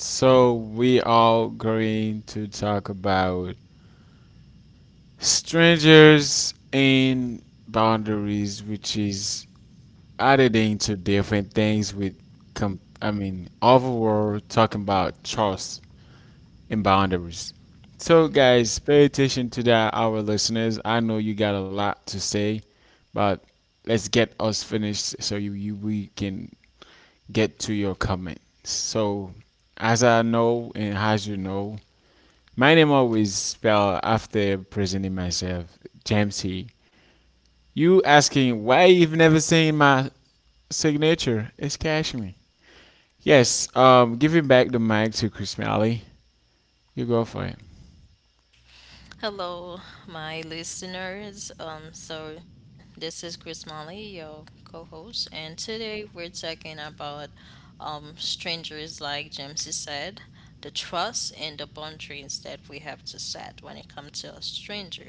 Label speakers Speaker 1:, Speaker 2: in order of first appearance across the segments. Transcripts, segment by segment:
Speaker 1: So we are going to talk about strangers and boundaries, which is added into different things with, overall talking about trust and boundaries. So, guys, pay attention to that, our listeners. I know you got a lot to say, but let's get us finished so you we can get to your comments. So, as I know and as you know, my name always spelled after presenting myself, James T. You asking why you've never seen my signature? It's Cashmere. Yes, giving back the mic to Chris Malley. You go for it.
Speaker 2: Hello my listeners, so this is Chris Molly, your co-host, and today we're talking about strangers, like James said, the trust and the boundaries that we have to set when it comes to a stranger,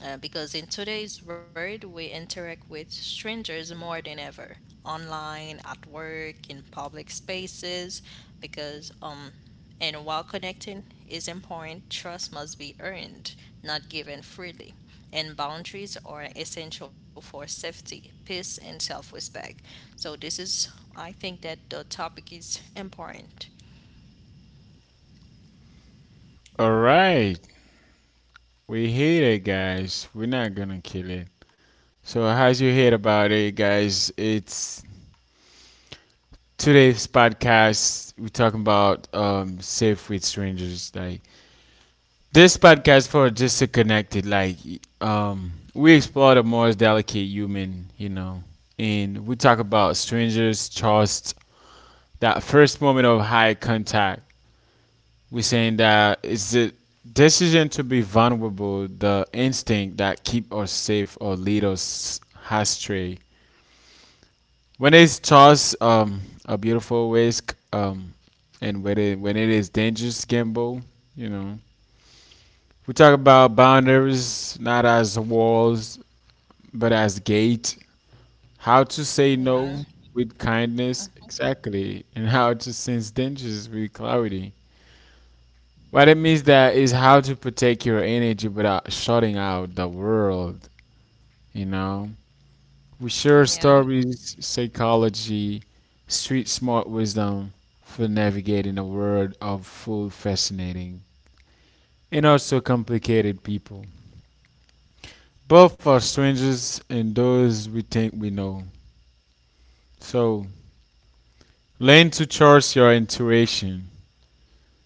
Speaker 2: because in today's world we interact with strangers more than ever, online, at work, in public spaces, because and while connecting is important, trust must be earned, not given freely. And boundaries are essential for safety, peace, and self-respect. So this is, I think that the topic is important.
Speaker 1: All right, we hit it, guys. We're not gonna kill it. So, how's your head about it, guys? It's today's podcast. We're talking about safe with strangers, like this podcast for just disconnected, like we explore the more delicate human, you know, and we talk about strangers, trust, that first moment of high contact. We're saying that it's the decision to be vulnerable, the instinct that keep us safe or lead us astray. When it's trust, a beautiful risk, and when it is dangerous, gamble, you know. We talk about boundaries not as walls but as gate. How to say
Speaker 2: Yeah.
Speaker 1: no with kindness, exactly, and how to sense dangers with clarity. What it means that is how to protect your energy without shutting out the world. You know, we share
Speaker 2: Yeah.
Speaker 1: stories, psychology, street smart wisdom for navigating a world of full fascinating and also complicated people. Both are strangers and those we think we know. So, learn to trust your intuition,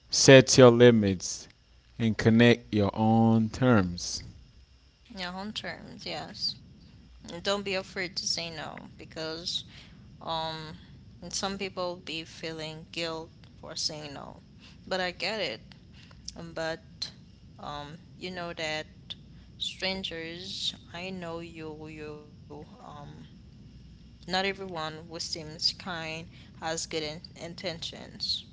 Speaker 1: set your limits, and connect your own terms.
Speaker 2: Yeah, on terms, yes. And don't be afraid to say no, because Um, and some people be feeling guilt for saying no. But I get it. But you know that strangers, I know you, not everyone who seems kind has good in intentions.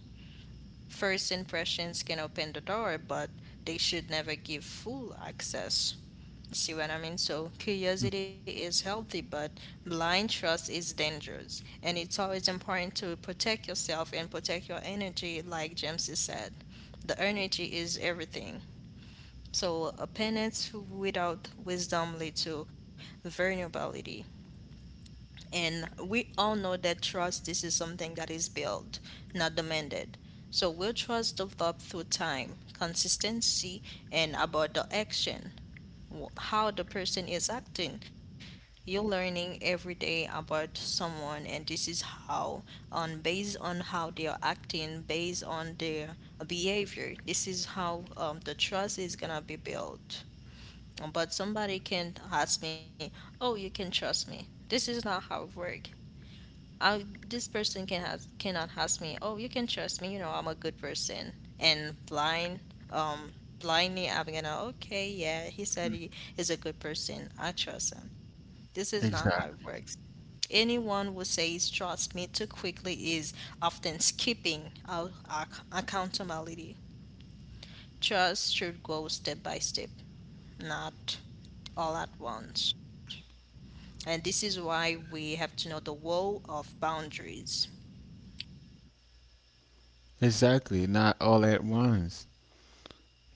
Speaker 2: First impressions can open the door, but they should never give full access. See what I mean? So curiosity is healthy, but blind trust is dangerous. And it's always important to protect yourself and protect your energy, like James said. The energy is everything. So a penance without wisdom leads to vulnerability. And we all know that trust, this is something that is built, not demanded. So will trust develop through time, consistency, and about the action, how the person is acting. You're learning every day about someone, and this is how, on based on how they are acting, based on their behavior, this is how the trust is gonna be built. But somebody can ask me, "Oh, you can trust me." This is not how it works. I, this person can has cannot ask me, oh, you can trust me, you know, I'm a good person. And um, blindly, I'm gonna, okay, yeah, he said he is a good person. I trust him. This is not how it
Speaker 1: Exactly.
Speaker 2: works. Anyone who says trust me too quickly is often skipping out accountability. Trust should go step by step, not all at once. And this is why we have to know the role of boundaries.
Speaker 1: Exactly. Not all at once.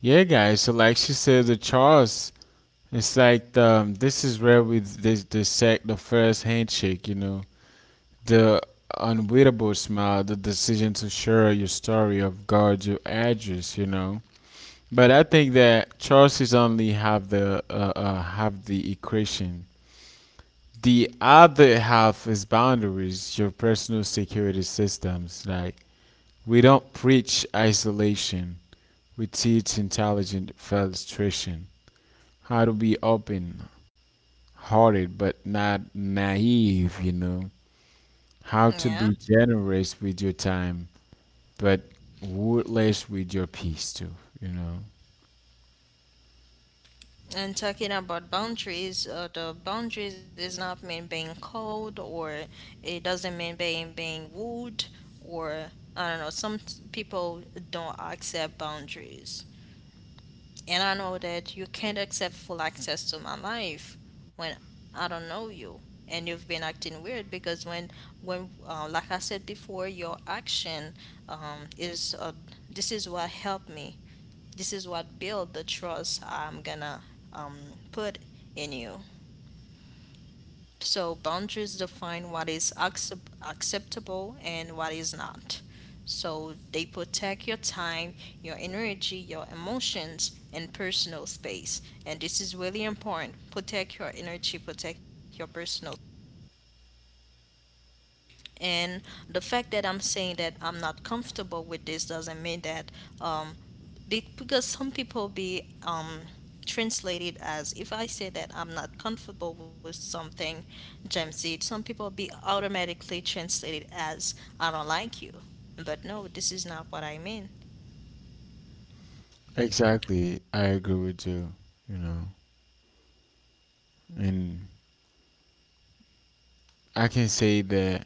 Speaker 1: Yeah, guys. So, like she said, the Charles. It's like the, this is where we dissect the first handshake. You know, the unbeatable smile, the decision to share your story, of guard your address. You know, but I think that Charles only have the equation. The other half is boundaries, your personal security systems. Like, we don't preach isolation. We teach intelligent filtration. How to be open hearted but not naive, you know. How
Speaker 2: Yeah.
Speaker 1: to be generous with your time but ruthless with your peace too, you know.
Speaker 2: And talking about boundaries, the boundaries is not mean being cold, or it doesn't mean being rude, or I don't know. Some people don't accept boundaries, and I know that you can't accept full access to my life when I don't know you and you've been acting weird, because when like I said before, your action is this is what helped me, this is what build the trust I'm gonna put in you. So boundaries define what is acceptable and what is not. So protect your time, your energy, your emotions, and personal space. And this is really important. Protect your energy, protect your personal. And the fact that I'm saying that I'm not comfortable with this doesn't mean that, um, be, because some people be translated as if I say that I'm not comfortable with something, Gen some people be automatically translated as I don't like you. But no, this is not what I mean.
Speaker 1: Exactly. I agree with you, you know. And I can say that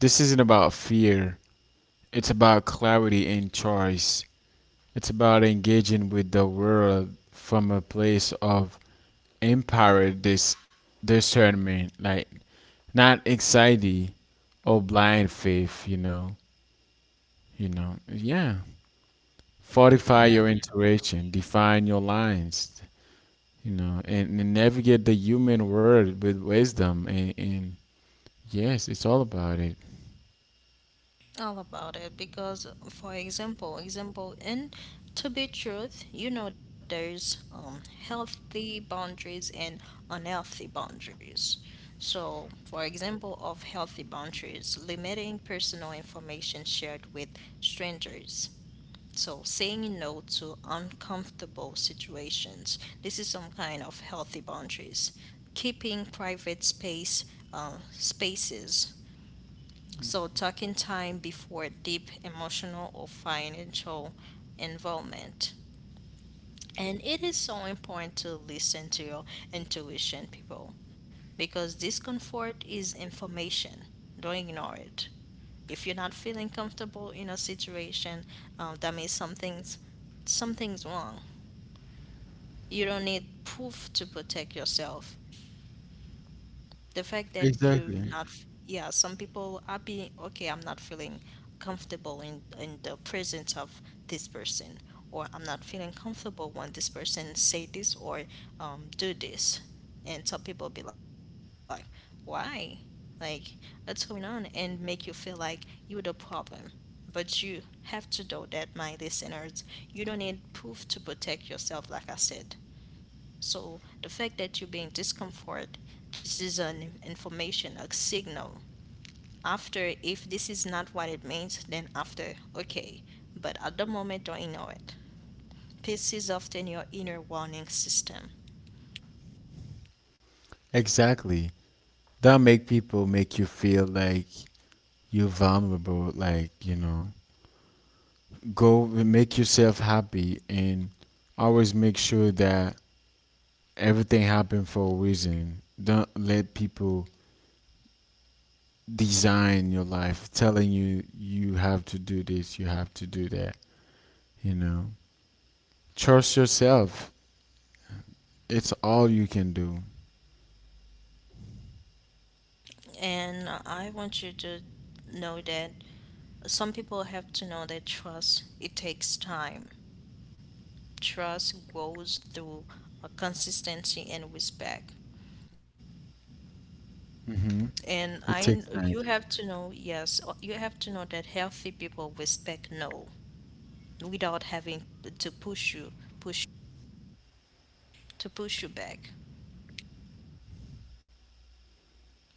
Speaker 1: this isn't about fear, it's about clarity and choice. It's about engaging with the world from a place of empowered discernment, like not anxiety or blind faith, you know. You know, yeah. Fortify your intuition, define your lines, you know, and, navigate the human world with wisdom. And, yes, it's all about it.
Speaker 2: All about it, because for example in to be truth, you know, there's healthy boundaries and unhealthy boundaries. So for example of healthy boundaries, limiting personal information shared with strangers, so saying no to uncomfortable situations, this is some kind of healthy boundaries. Keeping private spaces, so taking time before deep emotional or financial involvement. And it is so important to listen to your intuition, people, because discomfort is information. Don't ignore it. If you're not feeling comfortable in a situation, that means something's wrong. You don't need proof to protect yourself. The fact that you're
Speaker 1: Exactly.
Speaker 2: not, yeah, some people are being, okay, I'm not feeling comfortable in the presence of this person, or I'm not feeling comfortable when this person say this or do this. And some people be like, why? Like, what's going on? And make you feel like you're the problem. But you have to know that, my listeners, you don't need proof to protect yourself, like I said. So the fact that you be in discomfort, this is an information, a signal. After, if this is not what it means, then after, okay. But at the moment, don't ignore it. Peace is often your inner warning system.
Speaker 1: Exactly. That make people make you feel like you're vulnerable, like, you know, go and make yourself happy, and always make sure that everything happened for a reason. Don't let people design your life telling you you have to do this, you have to do that, you know. Trust yourself, it's all you can do.
Speaker 2: And I want you to know that some people have to know that trust, it takes time. Trust grows through a consistency and respect.
Speaker 1: Hmm.
Speaker 2: And
Speaker 1: It takes time.
Speaker 2: you have to know, yes, you have to know that healthy people respect no without having to push you, push to push you back.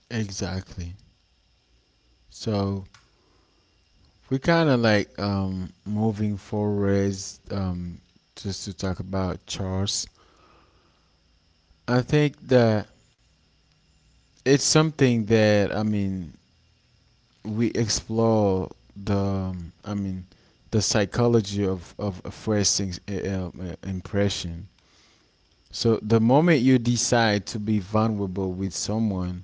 Speaker 1: Exactly. So we kind of like moving forwards, just to talk about charts. I think that it's something that, I mean, we explore the, I mean, the psychology of a first impression. So the moment you decide to be vulnerable with someone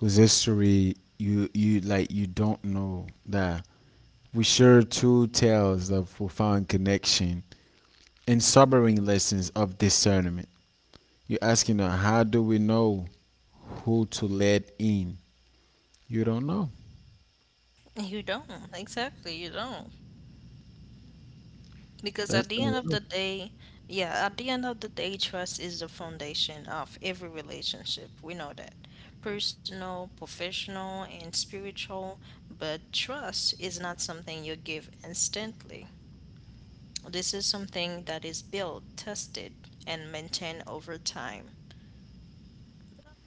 Speaker 1: whose history you like, you don't know that, we sure true tales of profound connection and sobering lessons of discernment. You're asking her, how do we know who to let in? You don't know.
Speaker 2: You don't, exactly, you don't. Because at
Speaker 1: That's
Speaker 2: the
Speaker 1: the
Speaker 2: end of the
Speaker 1: word.
Speaker 2: day, yeah, at the end of the day, trust is the foundation of every relationship. We know that. Personal, professional, and spiritual, but trust is not something you give instantly. This is something that is built, tested, and maintained over time.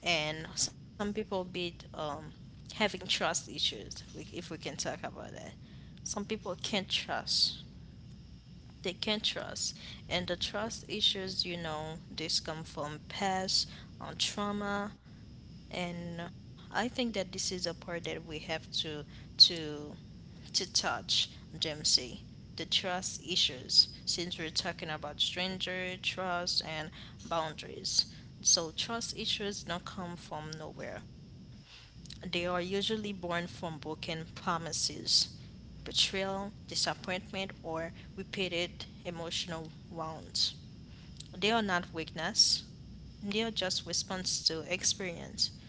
Speaker 2: And some people be having trust issues, if we can talk about that. Some people can't trust. They can't trust. And the trust issues, you know, this come from past, trauma. And I think that this is a part that we have to to touch Dempsey. The trust issues, since we're talking about stranger trust and boundaries. So, trust issues don't come from nowhere. They are usually born from broken promises, betrayal, disappointment, or repeated emotional wounds. They are not weakness, they are just response to experience.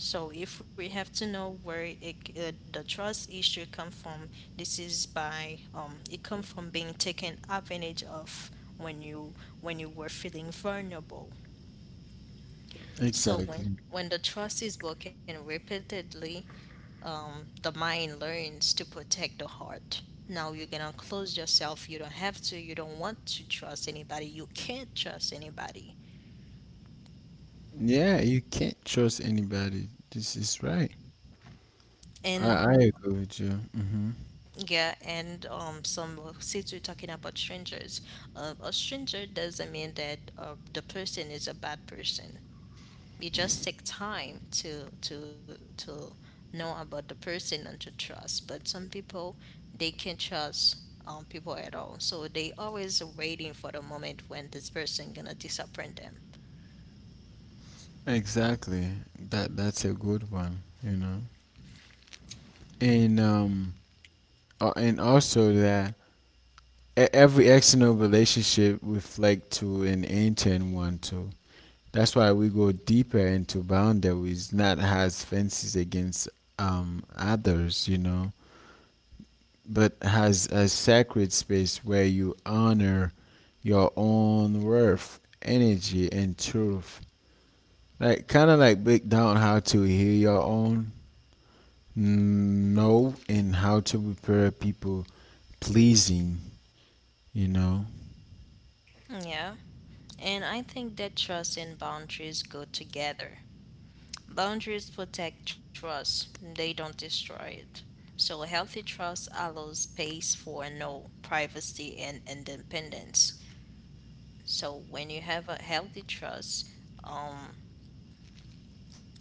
Speaker 2: So if we have to know where it, the trust issue come from, this is by it come from being taken advantage of when you when you were feeling vulnerable. So when
Speaker 1: Exactly.
Speaker 2: when the trust is broken repeatedly, the mind learns to protect the heart. Now you're gonna close yourself. You don't have to. You don't want to trust anybody. You can't trust anybody.
Speaker 1: Yeah, you can't trust anybody. This is right. I,
Speaker 2: And
Speaker 1: I agree with you. Hmm.
Speaker 2: yeah, and some well, since we're talking about strangers, a stranger doesn't mean that the person is a bad person. You just take time to know about the person and to trust. But some people, they can't trust people at all, so they always waiting for the moment when this person gonna disappoint them.
Speaker 1: Exactly. That that's a good one. You know, and um, and also that every external relationship reflect to an intern one too. That's why we go deeper into boundaries, not has fences against, others, you know, but has a sacred space where you honor your own worth, energy, and truth. Like, kind of like break down how to heal your own no and how to prepare people pleasing, you know.
Speaker 2: Yeah, and I think that trust and boundaries go together. Boundaries protect trust, they don't destroy it. So, healthy trust allows space for no, privacy, and independence. So, when you have a healthy trust, um,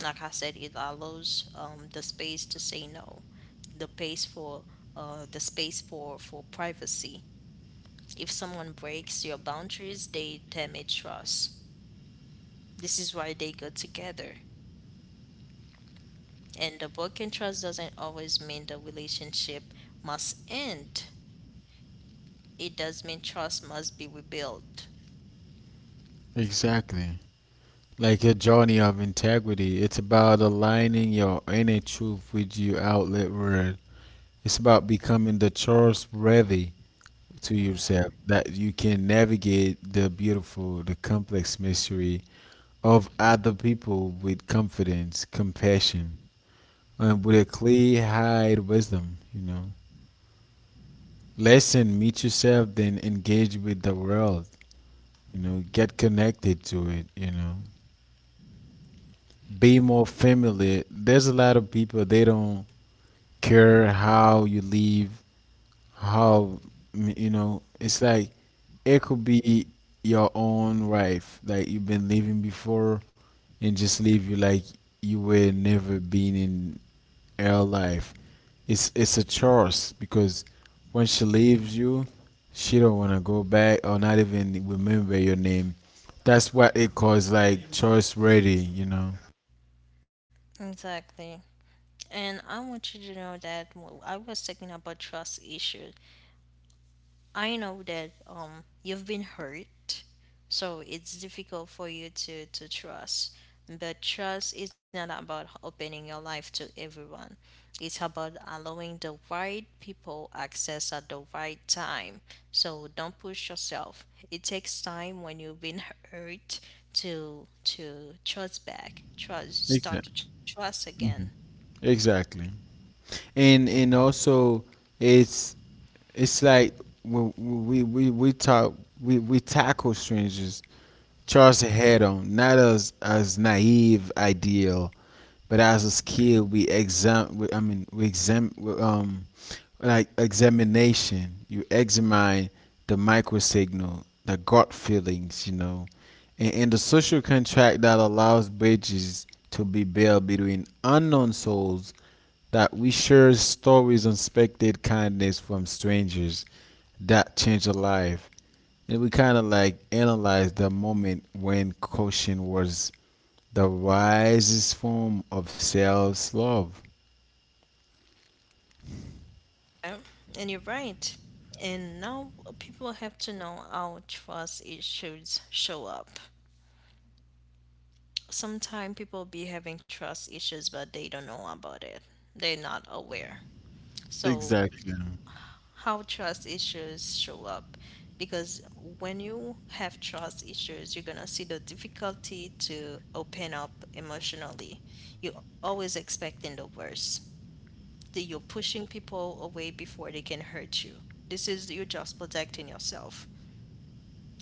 Speaker 2: like I said, it allows the space to say no, the space for the space for privacy. If someone breaks your boundaries, they damage trust. This is why they go together. And the broken trust doesn't always mean the relationship must end. It does mean trust must be rebuilt.
Speaker 1: Exactly. Like a journey of integrity. It's about aligning your inner truth with your outlet world. It's about becoming the trustworthy to yourself that you can navigate the beautiful, the complex mystery of other people with confidence, compassion, and with a clear-eyed wisdom. You know, listen, meet yourself, then engage with the world. You know, get connected to it. You know, be more familiar. There's a lot of people, they don't care how you live, how you know. It's like it could be your own life, like you've been living before, and just live you like you were never been in her life. It's a choice, because when she leaves you, she don't wanna go back or not even remember your name. That's what it calls like choice ready, you know.
Speaker 2: Exactly. And I want you to know that I was about trust issues. I know that you've been hurt, so it's difficult for you to trust. But trust is not about opening your life to everyone. It's about allowing the right people access at the right time. So don't push yourself. It takes time when you've been hurt to trust back. Trust start
Speaker 1: Exactly.
Speaker 2: to trust again.
Speaker 1: Exactly. And, also, it's it's like we we we, we talk we tackle strangers charge head on, not as naive ideal but as a skill we exam we, I mean we exam like examination you examine the micro signal, the gut feelings, you know, and, the social contract that allows bridges to be built between unknown souls, that we share stories of unexpected kindness from strangers that change a life. And we kind of like analyze the moment when caution was the wisest form of self love.
Speaker 2: Yeah, and you're right. And now people have to know how trust issues show up. Sometimes people be having trust issues, but they don't know about it. They're not aware. So,
Speaker 1: Exactly.
Speaker 2: how trust issues show up? Because when you have trust issues, you're gonna see the difficulty to open up emotionally. You're always expecting the worst, that you're pushing people away before they can hurt you. This is you're just protecting yourself.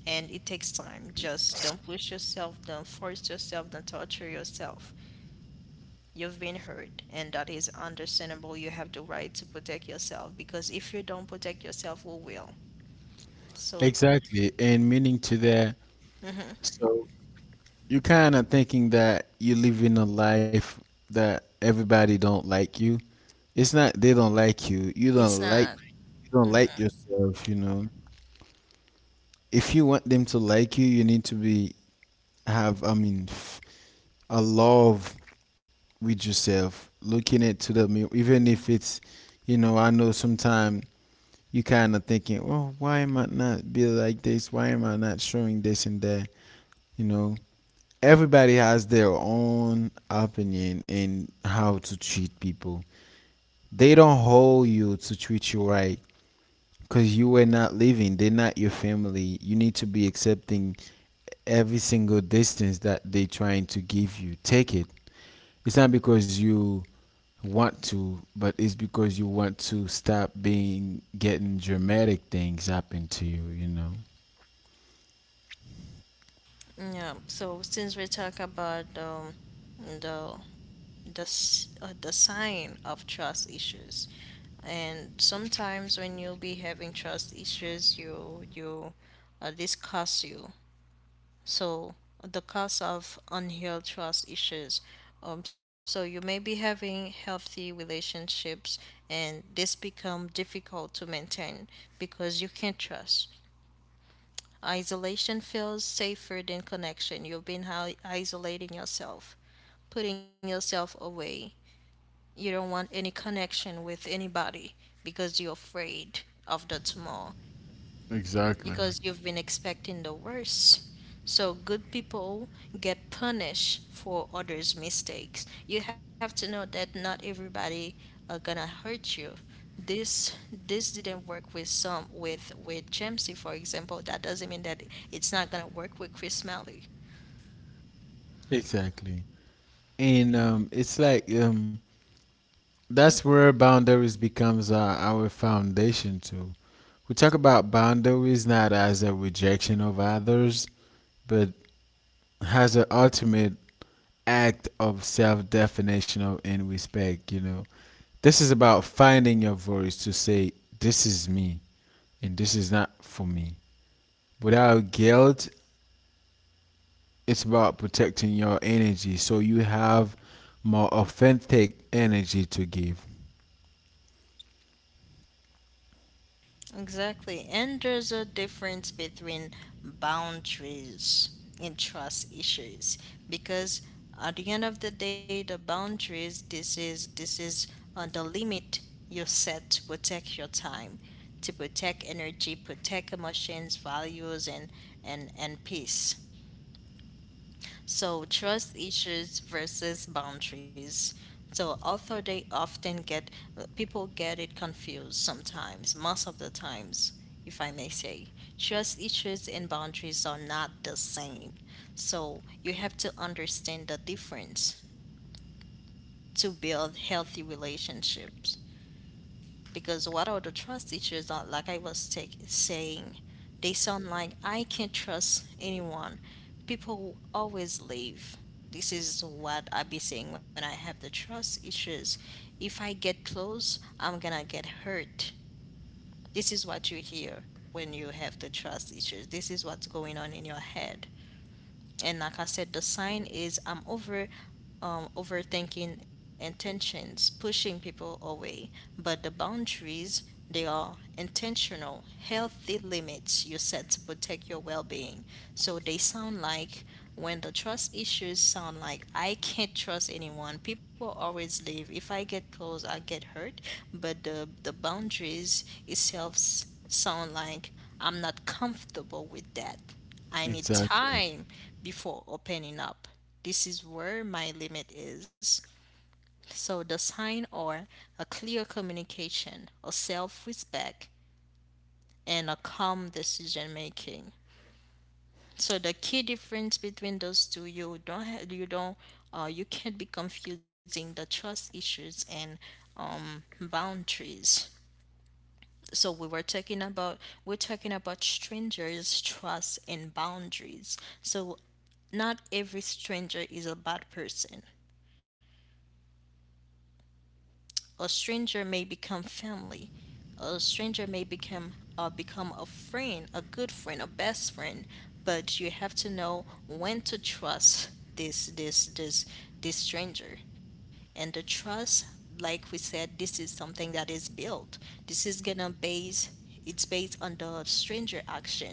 Speaker 2: And it takes time. Just don't push yourself, don't force yourself, don't torture yourself. You've been hurt, and that is understandable. You have the right to protect yourself, because if you don't protect yourself, who will? So
Speaker 1: Exactly. And meaning to that,
Speaker 2: mm-hmm.
Speaker 1: so you're kind of thinking that you're living a life that everybody don't like you. It's not they don't like you.
Speaker 2: It's not.
Speaker 1: You don't
Speaker 2: Mm-hmm.
Speaker 1: like yourself, you know. If you want them to like you need to be, have, I mean, a love with yourself, looking it to the mirror, even if it's, you know, I know sometimes you kind of thinking, well, why am I not be like this, why am I not showing this and that, you know. Everybody has their own opinion in how to treat people. They don't hold you to treat you right, because you were not living, they're not your family. You need to be accepting every single distance that they trying to give you, take it. It's not because you want to, but it's because you want to stop being getting dramatic things happen to you, you know.
Speaker 2: Yeah, so since we talk about the the sign of trust issues, and sometimes when you'll be having trust issues, you this costs you. So the cost of unhealed trust issues. So you may be having healthy relationships, and this become difficult to maintain because you can't trust. Isolation feels safer than connection. You've been isolating yourself, putting yourself away. You don't want any connection with anybody because you're afraid of the tomorrow,
Speaker 1: Exactly.
Speaker 2: because you've been expecting the worst. So good people get punished for others' mistakes. You have to know that not everybody are gonna hurt you. This didn't work with some with Jamesy, for example. That doesn't mean that it's not gonna work with Chris Malley.
Speaker 1: Exactly. And it's like that's where boundaries becomes our foundation too. We talk about boundaries not as a rejection of others, but as an ultimate act of self-definition of and respect. You know, this is about finding your voice to say, "This is me, and this is not for me." Without guilt, it's about protecting your energy so you have more authentic energy to give.
Speaker 2: Exactly. And there's a difference between boundaries and trust issues, because at the end of the day the boundaries, this is on the limit you set to protect your time, to protect energy, protect emotions, values, and and peace. So, trust issues versus boundaries. So, although they often get people get it confused sometimes, most of the times, if I may say, trust issues and boundaries are not the same. So, you have to understand the difference to build healthy relationships because what are the trust that like saying they sound like I can't trust anyone, people always leave. This is what I be saying when I have the trust issues. If I get close, I'm gonna get hurt. This is what you hear when you have the trust issues. This is what's going on in your head. And like I said, the sign is I'm over overthinking intentions, pushing people away. But the boundaries, they are intentional, healthy limits you set to protect your well being. So they sound like, when the trust issues sound like I can't trust anyone, people always leave. If I get close, I get hurt. But the boundaries itself sound like I'm not comfortable with that. I need
Speaker 1: Exactly.
Speaker 2: time before opening up. This is where my limit is. So the sign are a clear communication, a self respect, and a calm decision making. So the key difference between those two, you don't have, you don't, you can't be confusing the trust issues and boundaries. So we're talking about strangers, trust, and boundaries. So not every stranger is a bad person. A stranger may become family. A stranger may become a friend, a good friend, a best friend. But you have to know when to trust this this stranger. And the trust, like we said, this is something that is built. This is gonna base it's based on the stranger action,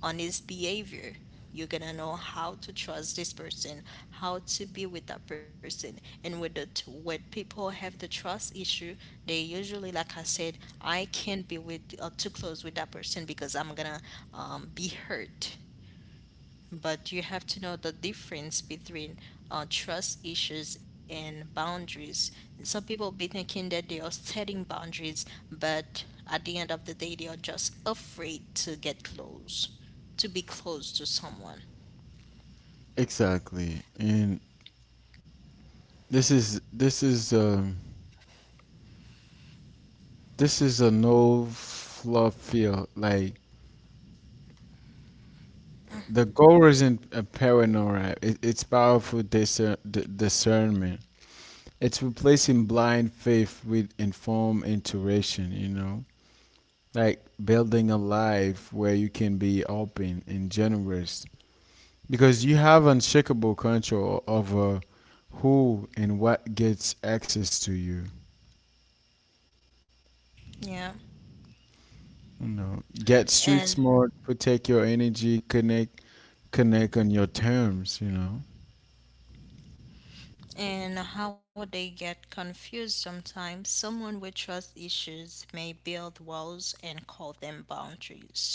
Speaker 2: on his behavior. You're gonna know how to trust this person, how to be with that person, and with the when people have the trust issue, they usually, like I said, I can't be with too close with that person because I'm gonna be hurt. But you have to know the difference between trust issues and boundaries. Some people be thinking that they are setting boundaries, but at the end of the day, they are just afraid to get close, to be close to someone.
Speaker 1: Exactly. And this is, this is, this is a no fluff feel. Like the goal isn't a paranoia. It's powerful discernment. It's replacing blind faith with informed intuition. You know. Like building a life where you can be open and generous because you have unshakable control over who and what gets access to you.
Speaker 2: Yeah.
Speaker 1: You know, get street
Speaker 2: And
Speaker 1: smart, protect your energy, connect on your terms.
Speaker 2: and how they get confused sometimes. Someone with trust issues may build walls and call them boundaries,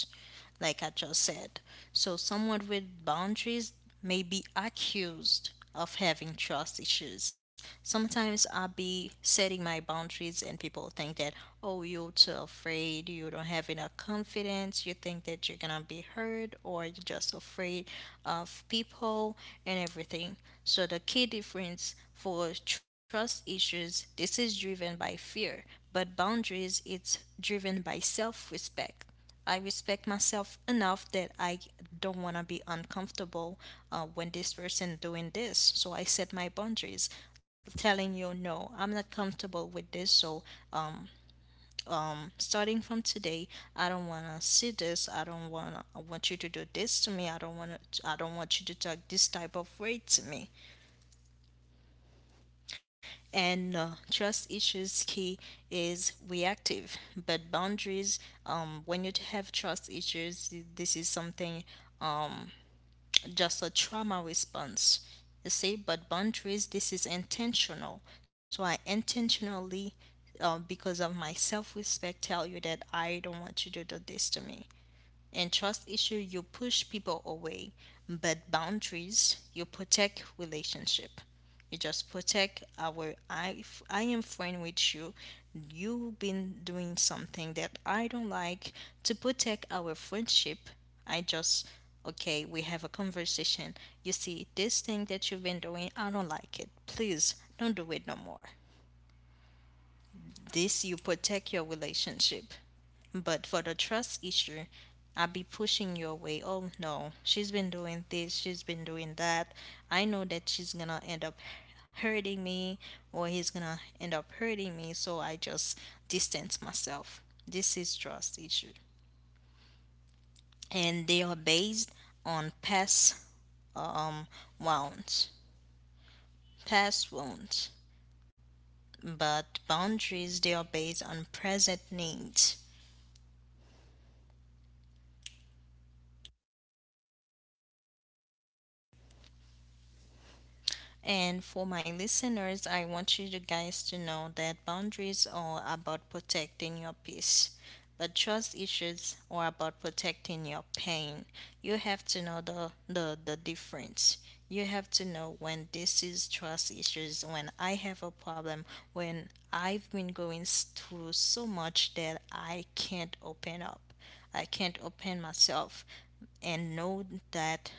Speaker 2: like I just said. So, someone with boundaries may be accused of having trust issues. Sometimes I'll be setting my boundaries, and people think that, oh, you're too afraid, you don't have enough confidence, you think that you're gonna be hurt, or you're just afraid of people and everything. So, the key difference for trust issues, this is driven by fear, but boundaries, it's driven by self respect. I respect myself enough that I don't want to be uncomfortable when this person doing this. So I set my boundaries, telling you no, I'm not comfortable with this. So starting from today, I don't want to see this. I don't want to I want you to do this to me. I don't want to. I don't want you to talk this type of way to me. And trust issues key is reactive, boundaries. When you have trust issues, this is something Um. just a trauma response. You see, but boundaries, this is intentional. So I intentionally, because of my self respect, tell you that I don't want you to do this to me. In trust issue, you push people away, but boundaries, you protect relationship. You just protect our I if I am friend with you. You've been doing something that I don't like. To protect our friendship, I just, okay, we have a conversation. You see this thing that you've been doing, I don't like it. Please don't do it no more. This you protect your relationship. But for the trust issue, I be pushing your way. Oh no, she's been doing this, she's been doing that. I know that she's gonna end up hurting me, or he's gonna end up hurting me, so I just distance myself. This is trust issue. And they are based on past um wounds. Past wounds. But boundaries, they are based on present needs. And for my listeners, I want you to guys to know that boundaries are about protecting your peace, but trust issues are about protecting your pain. You have to know the difference. You have to know when this is trust issues, when I have a problem, when I've been going through so much that I can't open up. I can't open myself and know that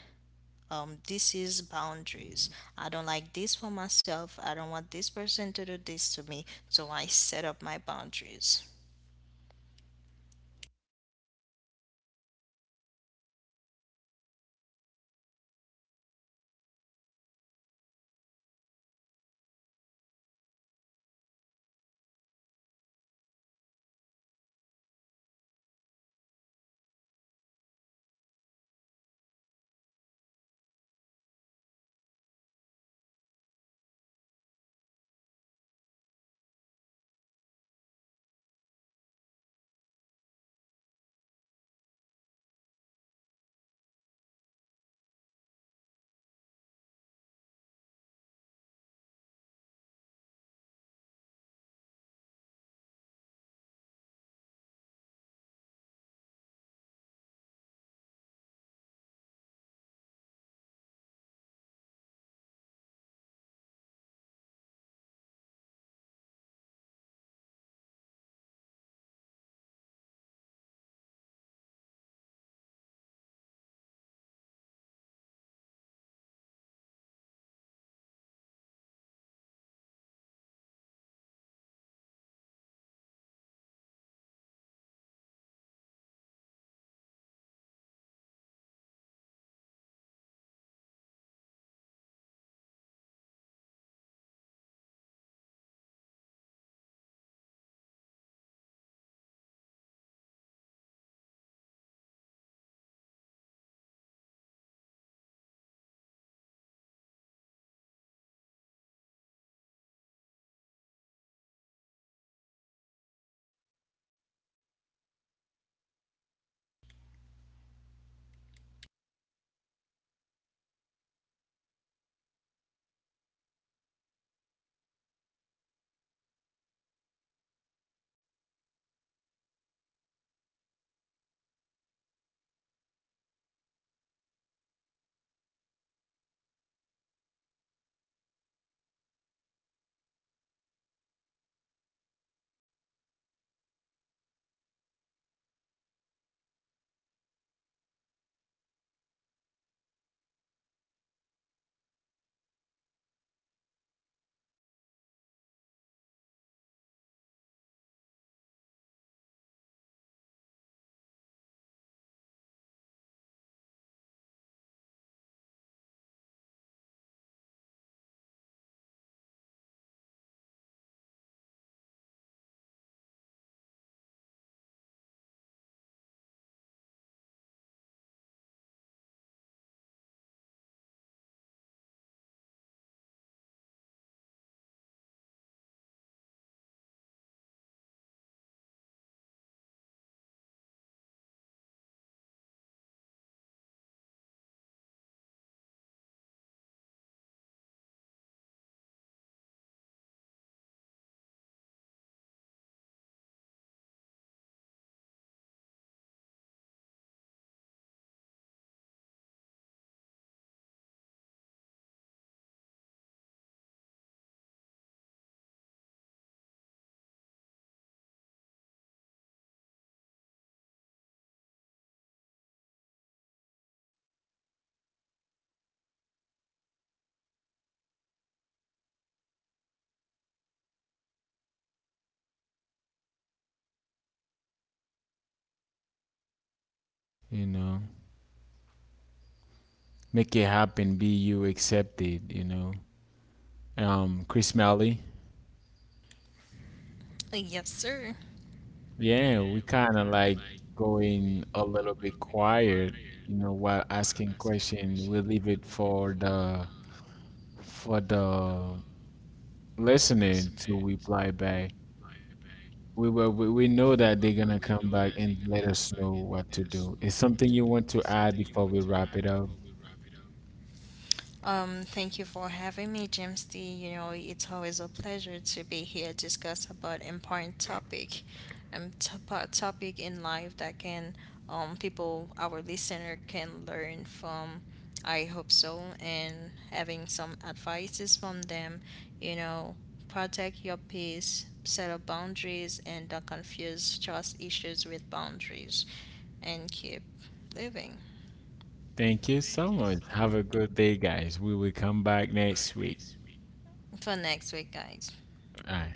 Speaker 2: this is boundaries. I don't like this for myself. I don't want this person to do this to me. So I set up my boundaries.
Speaker 1: You know, make it happen. Be you accepted. You know, Chris Malley.
Speaker 2: Yes, sir.
Speaker 1: Yeah, we kind of like going a little bit quiet. You know, while asking question, we'll leave it for the listening to reply back. We were, we know that they're gonna come back and let us know what to do. Is something you want to add before we wrap it up?
Speaker 2: Thank you for having me, James D. You know, it's always a pleasure to be here discuss about important topic, topic in life that can, people, our listener can learn from. I hope so, and having some advices from them. You know, protect your peace, set up boundaries, and don't confuse trust issues with boundaries, and keep living.
Speaker 1: Thank you so much. Have a good day, guys. We will come back next week.
Speaker 2: For next week, guys.
Speaker 1: All right.